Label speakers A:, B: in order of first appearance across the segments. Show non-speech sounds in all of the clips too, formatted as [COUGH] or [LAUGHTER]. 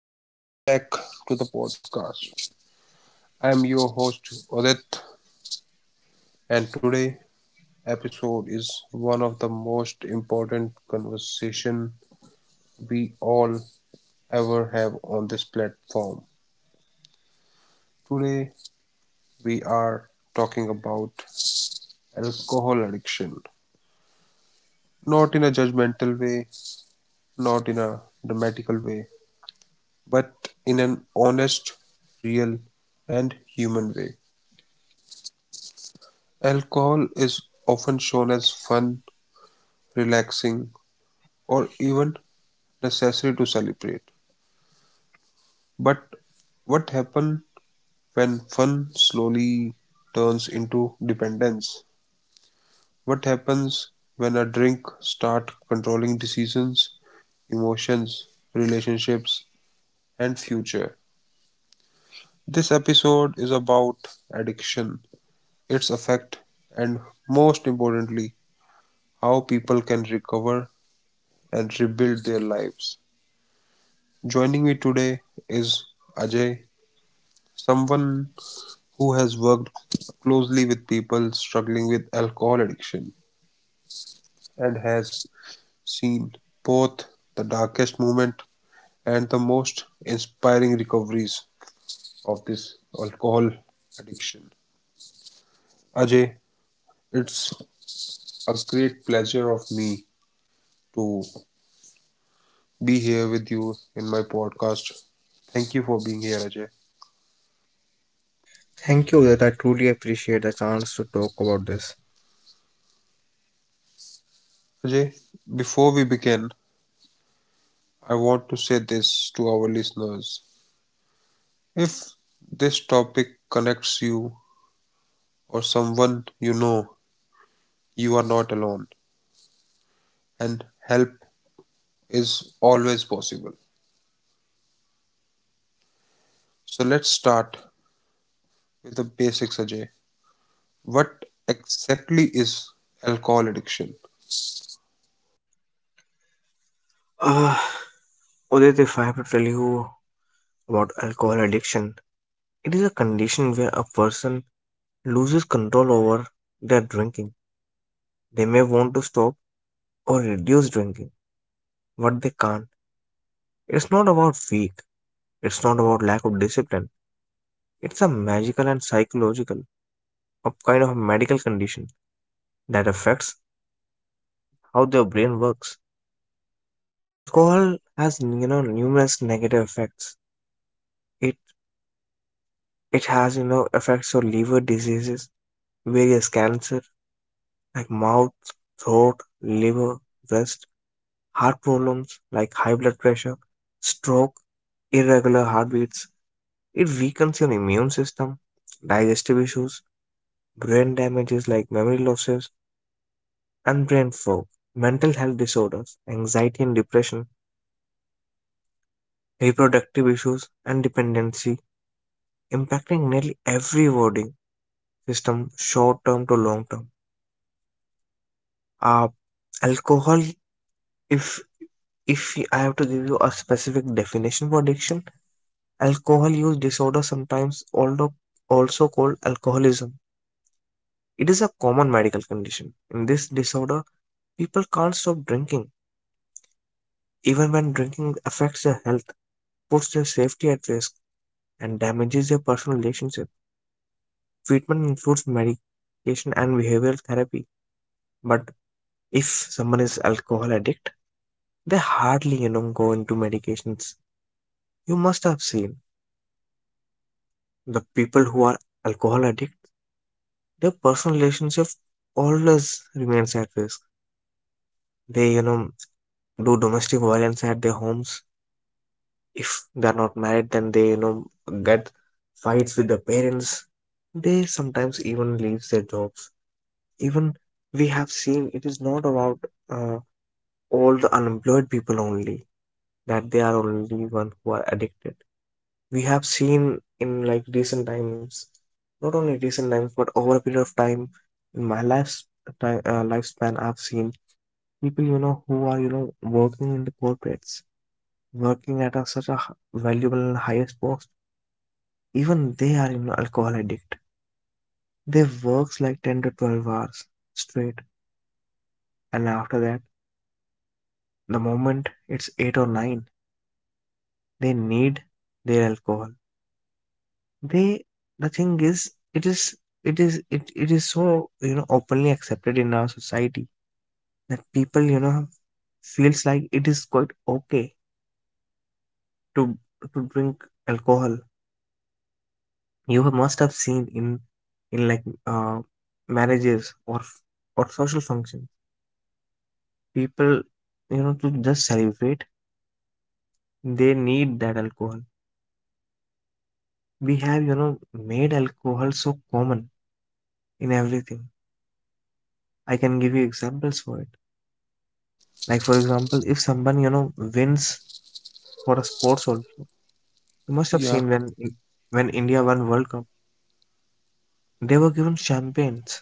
A: And welcome back to the podcast. I am your host, Odit, and today episode is one of the most important conversation we all ever have on this platform. Today, we are talking about alcohol addiction, not in a judgmental way, not in a dramatical way, but in an honest, real, and human way. Alcohol is often shown as fun relaxing, or even necessary to celebrate. But what happens when fun slowly turns into dependence? What happens when a drink starts controlling decisions, emotions, relationships, and future? This episode is about addiction, its effect, and most importantly, how people can recover and rebuild their lives. Joining me today is Ajay, someone who has worked closely with people struggling with alcohol addiction and has seen both the darkest moment and the most inspiring recoveries of this alcohol addiction. Ajay, it's a great pleasure of me to be here with you in my podcast. Thank you for being here, Ajay.
B: Thank you, Udit. I truly appreciate the chance to talk about this.
A: Ajay, before we begin, I want to say this to our listeners. If this topic connects you or someone you know, you are not alone and help is always possible. So let's start with the basics, Ajay. What exactly is alcohol addiction?
B: Uh, Udit, if I have to tell you about alcohol addiction, it is a condition where a person loses control over their drinking. They may want to stop or reduce drinking, but they can't. It's not about weak, it's not about lack of discipline. It's a magical and psychological, a kind of a medical condition that affects how their brain works. Alcohol has numerous negative effects. It It has affects your liver diseases, various cancer like mouth, throat, liver, breast, heart problems like high blood pressure, stroke, irregular heartbeats. It weakens your immune system, digestive issues, brain damages like memory losses and brain fog, mental health disorders, anxiety and depression, reproductive issues and dependency, impacting nearly every body system short term to long term. Uh, alcohol if if I have to give you a specific definition for addiction, alcohol use disorder, sometimes although also called alcoholism, it is a common medical condition. In this disorder, people can't stop drinking, even when drinking affects their health, puts their safety at risk, and damages their personal relationship. Treatment includes medication and behavioral therapy. But if someone is alcohol addict, they hardly go into medications. You must have seen the people who are alcohol addict. Their personal relationship always remains at risk. They do domestic violence at their homes. If they're not married, then they get fights with their parents. They sometimes even leaves their jobs. Even we have seen it is not about uh, all the unemployed people only, that they are only one who are addicted. We have seen in like recent times, not only recent times but over a period of time in my life's time, lifespan I've seen people who are working in the corporates, working at a, such a valuable and highest post, even they are in alcohol addict. They works like 10 to 12 hours straight, and after that the moment it's 8 or 9 they need their alcohol. They the thing is it is so openly accepted in our society that people feels like it is quite okay to to drink alcohol. You must have seen in like marriages or or social functions, people to just celebrate, they need that alcohol. We have made alcohol so common in everything. I can give you examples for it. Like for example, if someone wins for a sports also, you must have seen when
A: Yeah,
B: when India won World Cup, they were given champagnes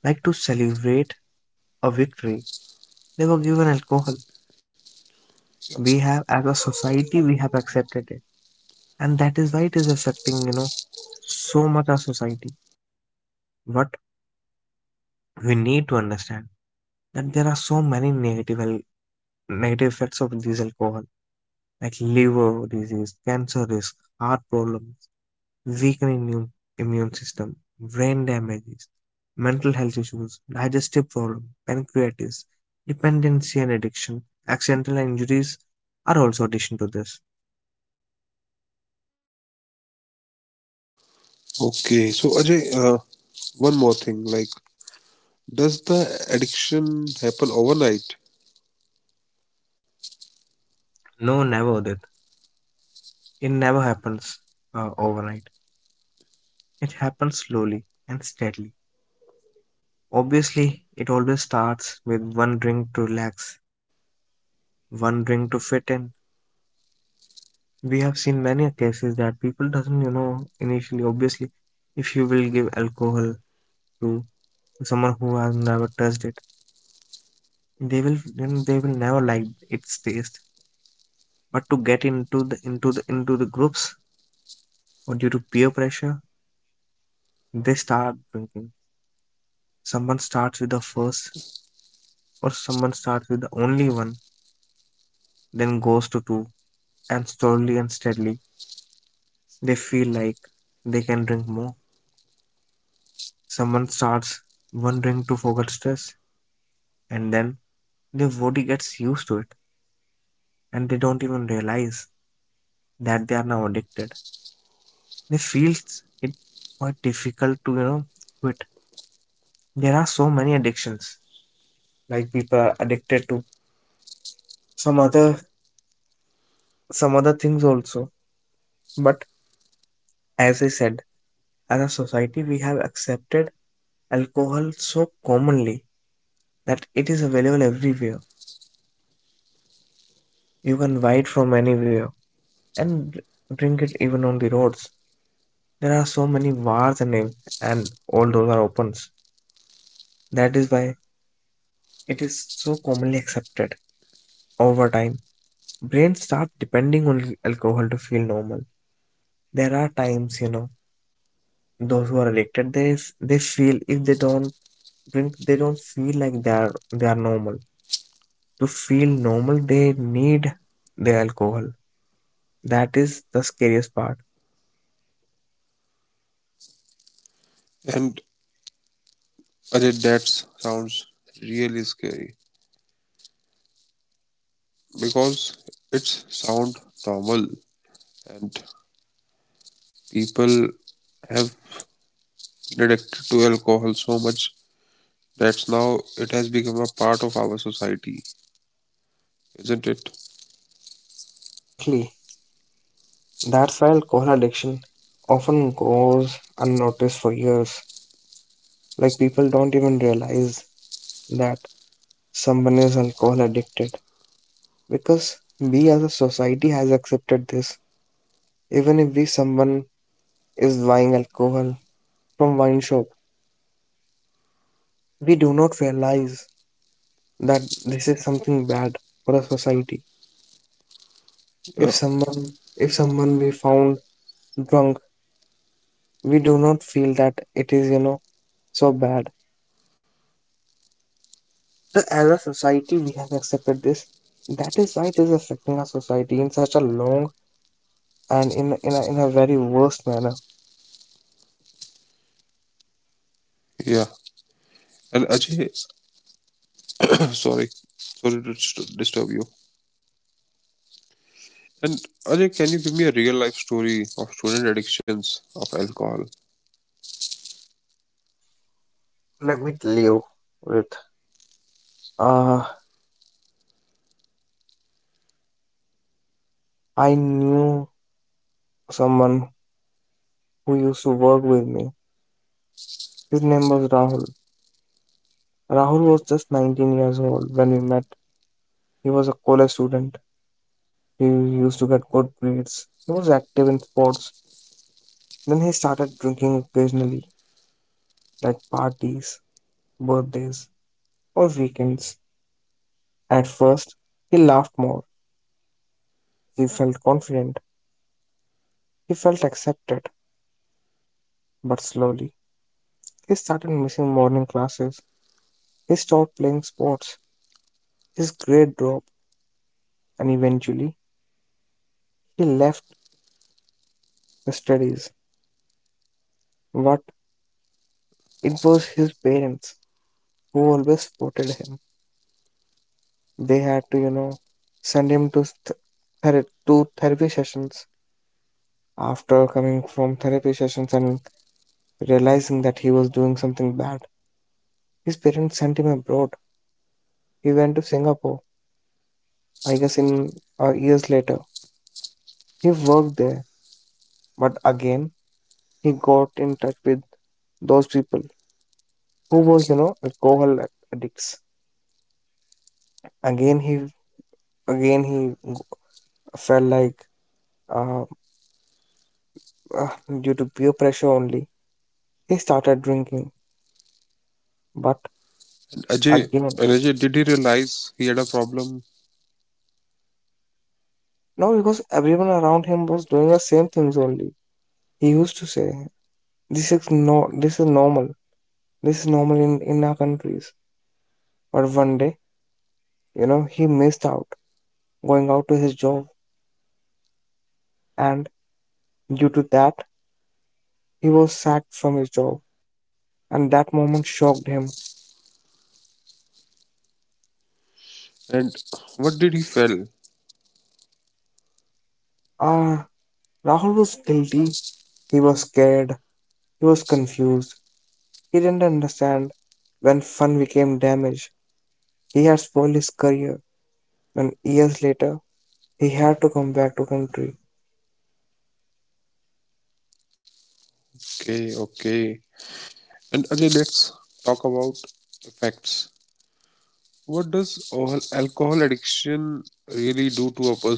B: like to celebrate a victory. They were given alcohol. We
A: yeah.
B: have, as a society we have accepted it, and that is why it is affecting so much our society. But we need to understand that there are so many negative negative effects of these alcohol, like liver disease, cancer risk, heart problem, weakened immune, immune system, brain damages, mental health issues, digestive problem, pancreatitis, dependency and addiction, accidental injuries are also addition to this.
A: Okay. So Ajay, one more thing. Like, does the addiction happen overnight?
B: No, never Udit. It never happens overnight. It happens slowly and steadily. Obviously, it always starts with one drink to relax, one drink to fit in. We have seen many cases that people doesn't, you know, initially. Obviously, if you will give alcohol to someone who has never touched it, they will, you know, they will never like its taste, but to get into the into the groups or due to peer pressure, they start drinking. Someone starts with the first, or someone starts with the only one, then goes to two, and slowly and steadily they feel like they can drink more. Someone starts one drink to forget stress, and then their body gets used to it, and they don't even realize that they are now addicted. They feels it quite difficult to quit. There are so many addictions, like people are addicted to some other some other things also, but as I said, as a society we have accepted alcohol so commonly that it is available everywhere. You can buy it from anywhere and drink it even on the roads. There are so many bars and and all those are opens. That is why it is so commonly accepted. Over time, brains start depending on alcohol to feel normal. There are times, you know, those who are addicted, they feel if they don't drink, they don't feel like they are normal. To feel normal, they need the alcohol. That is the scariest part.
A: And Ajay, that sounds really scary because it's sound normal and people have been addicted to alcohol so much that now it has become a part of our society, isn't it?
B: Exactly. That's why alcohol addiction often goes unnoticed for years. Like people don't even realize that someone is alcohol addicted because we as a society has accepted this. Even if we someone is buying alcohol from wine shop, we do not realize that this is something bad for the society. If
A: Yeah,
B: someone if someone we found drunk, we do not feel that it is, you know, so bad. But as a society we have accepted this. That is why it is affecting our society in such a long and in a very worst manner.
A: yeah. And Ajay, [COUGHS] [CLEARS THROAT] sorry, sorry to disturb you. And Ajay, can you give me a real life story of student addictions of alcohol?
B: Let me tell you with uh I knew someone who used to work with me. His name was Rahul. Rahul was just 19 years old when we met. He was a college student. He used to get good grades. He was active in sports. Then he started drinking occasionally, like parties, birthdays, or weekends. At first, he laughed more. He felt confident. He felt accepted. But slowly, he started missing morning classes. He stopped playing sports. His grade dropped, and eventually, he left the studies. But it was his parents who always supported him. They had to, you know, send him to therapy sessions. After coming from therapy sessions and realizing that he was doing something bad, his parents sent him abroad. He went to Singapore. I guess in years later, he worked there. But again, he got in touch with those people who were, you know, alcohol addicts. Again, he again, he felt like uh, uh, due to peer pressure only, he started drinking. But
A: And Ajay, and
B: again,
A: Ajay, did he realize he had a problem?
B: no, because everyone around him was doing the same things only. He used to say, "This is no, this is normal. This is normal in our countries." But one day, you know, he missed out going out to his job, and due to that, he was sacked from his job. And that moment shocked him.
A: And what did he feel?
B: Ah, Rahul was guilty. He was scared. He was confused. He didn't understand when fun became damaged. He had spoiled his career. When years later, he had to come back to country.
A: Okay, okay. And Ajay, let's talk about effects. What does all alcohol addiction really do to a person?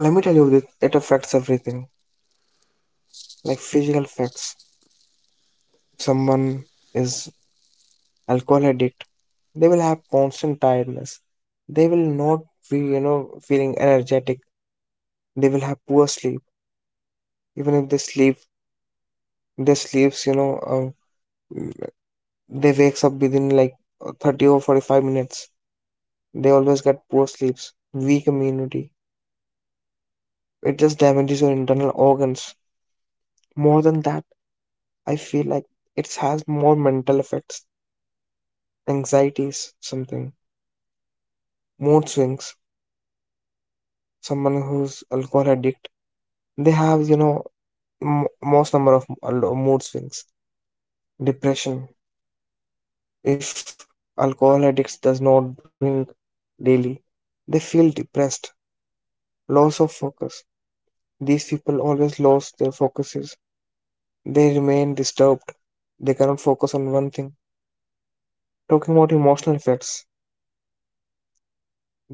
B: Let me tell you this, it affects everything, like physical effects. If someone is alcohol addict, they will have constant tiredness. They will not be, you know, feeling energetic. They will have poor sleep. Even if they sleep, their sleepsmm, they wakes up within like 30 or 45 minutes. They always get poor sleeps, weak immunity. It just damages your internal organs. More than that, I feel like it has more mental effects, anxieties, something. Mood swings, someone who's alcohol addict, they have, most number of mood swings. Depression, if alcohol addicts does not drink daily, they feel depressed, loss of focus. These people always lose their focuses. They remain disturbed. They cannot focus on one thing. Talking about emotional effects,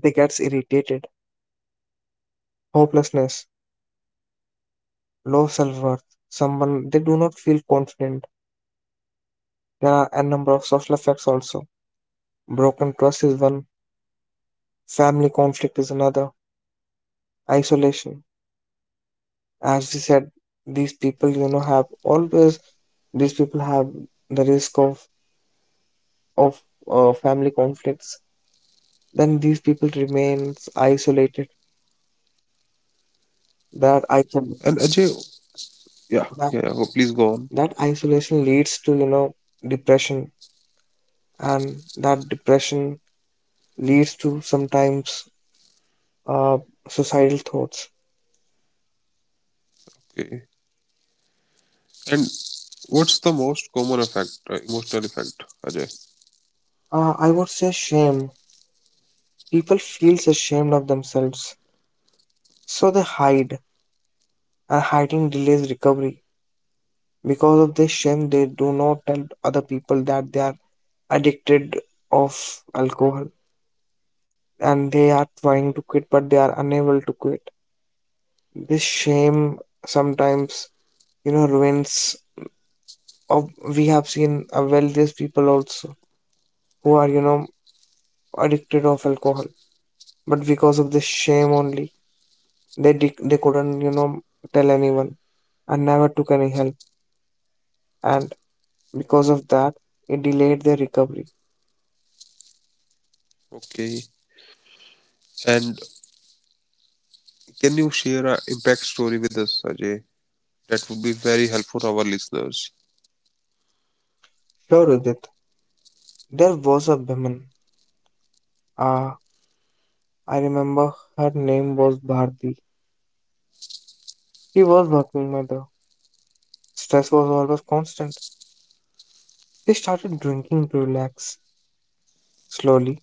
B: they gets irritated, hopelessness, low self-worth. Someone they do not feel confident. There are a number of social effects also. Broken trust is one, family conflict is another, isolation. As we said, these people, you know, have always, these people have the risk of of family conflicts. Then these people remains isolated. That
A: And Ajay,
B: isol
A: yeah, yeah, please
B: that
A: go on.
B: that isolation leads to depression, and that depression leads to sometimes uh, suicidal thoughts.
A: Okay. And what's the most common effect, emotional effect, Ajay?
B: I would say shame. People feels ashamed of themselves, so they hide, and hiding delays recovery. Because of this shame, they do not tell other people that they are addicted of alcohol and they are trying to quit but they are unable to quit. This shame sometimes, you know, ruins of, we have seen a wealthiest people also who are, you know, addicted of alcohol. But because of this shame only, they couldn't, you know, tell anyone and never took any help. And because of that, it delayed their recovery.
A: Okay. And can you share an impact story with us, Ajay? That would be very helpful to our listeners.
B: Sure, Udit. There was a woman. Ah, I remember her name was Bharti. She was working mother. Stress was always constant. She started drinking to relax. Slowly,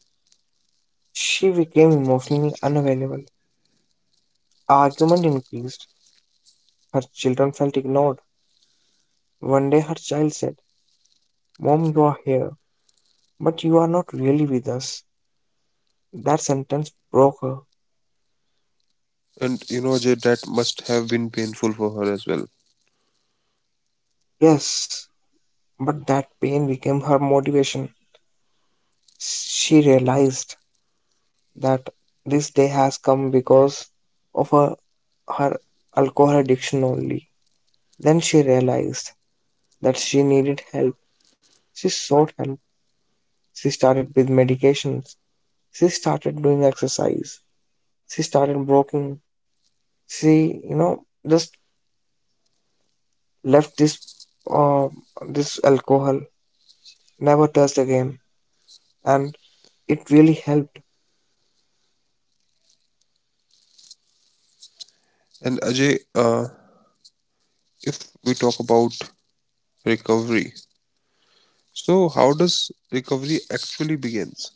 B: she became emotionally unavailable. Argument increased. Her children felt ignored. One day her child said, "Mom, you are here, but you are not really with us." That sentence broke her.
A: And you know, Ajay, that must have been painful for her as well.
B: Yes, but that pain became her motivation. She realized that this day has come because of her, her alcohol addiction only. Then she realized that she needed help. She sought help. She started with medications. She started doing exercise. She started walking. She, you know, just left this uh, this alcohol, never touched again, and it really helped.
A: And Ajay, if we talk about recovery, so how does recovery actually begins?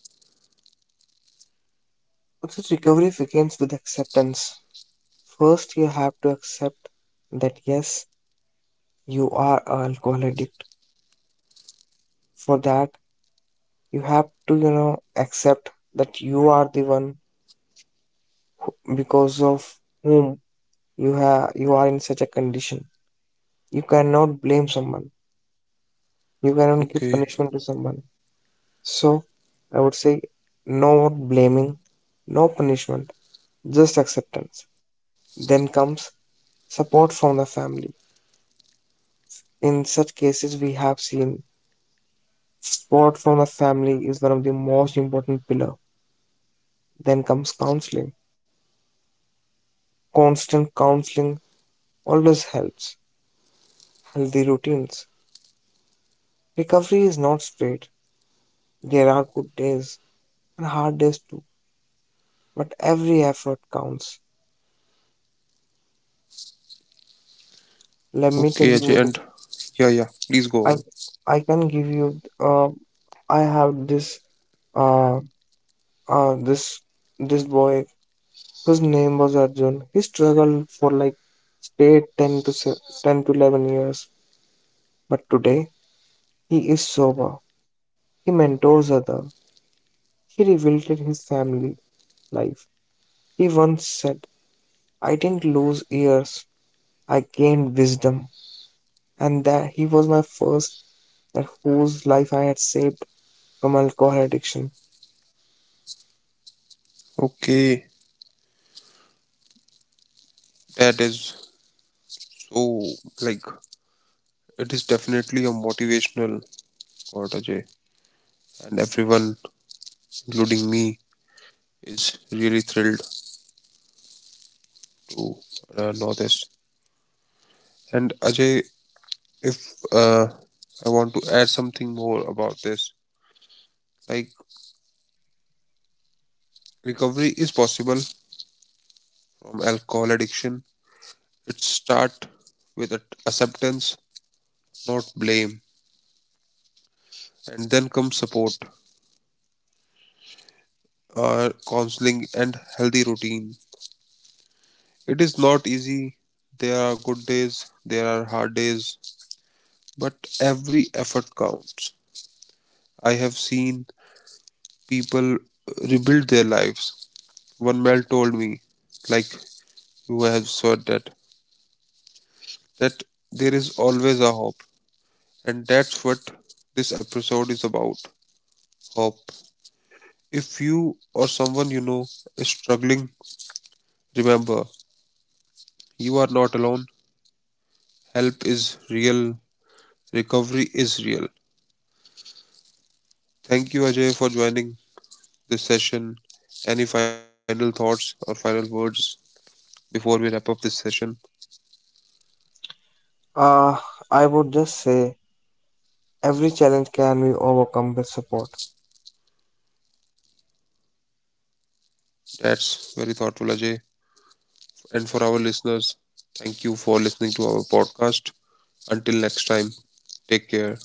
B: Also, recovery begins with acceptance. First, you have to accept that yes, you are an alcohol addict. For that you have to, you know, accept that you are the one because of whom you have, you are in such a condition. You cannot blame someone, you cannot give
A: Okay,
B: punishment to someone. So I would say no more blaming, no punishment, just acceptance. Then comes support from the family. In such cases we have seen support from the family is one of the most important pillar. Then comes counseling. Constant counseling always helps. Healthy routines. Recovery is not straight. There are good days and hard days too, but every effort counts. Let me tell
A: okay, Ajay,
B: you,
A: and yeah, yeah, please go
B: I
A: on.
B: I can give you. I have uh, uh this this boy whose name was Arjun. He struggled for like straight 10 to 11 years, but today he is sober. He mentors other. He rebuilt his family life. He once said, "I didn't lose years. I gained wisdom," and that he was my first, that whose life I had saved from alcohol addiction.
A: Okay, that is So, like it is definitely a motivational quote, Ajay, and everyone, including me, is really thrilled to know this. And Ajay, if I want to add something more about this, like recovery is possible from alcohol addiction. It starts with acceptance, not blame, and then comes support, counseling, and healthy routine. It is not easy. There are good days, there are hard days, but every effort counts. I have seen people rebuild their lives. One man told me, like you have said that, that there is always a hope, and that's what this episode is about. Hope. If you or someone you know is struggling, remember you are not alone. Help is real. Recovery is real. Thank you, Ajay, for joining this session. Any final thoughts or final words before we wrap up this session?
B: Ah, I would just say every challenge can be overcome with support.
A: That's very thoughtful, Ajay. And for our listeners, thank you for listening to our podcast. Until next time, take care.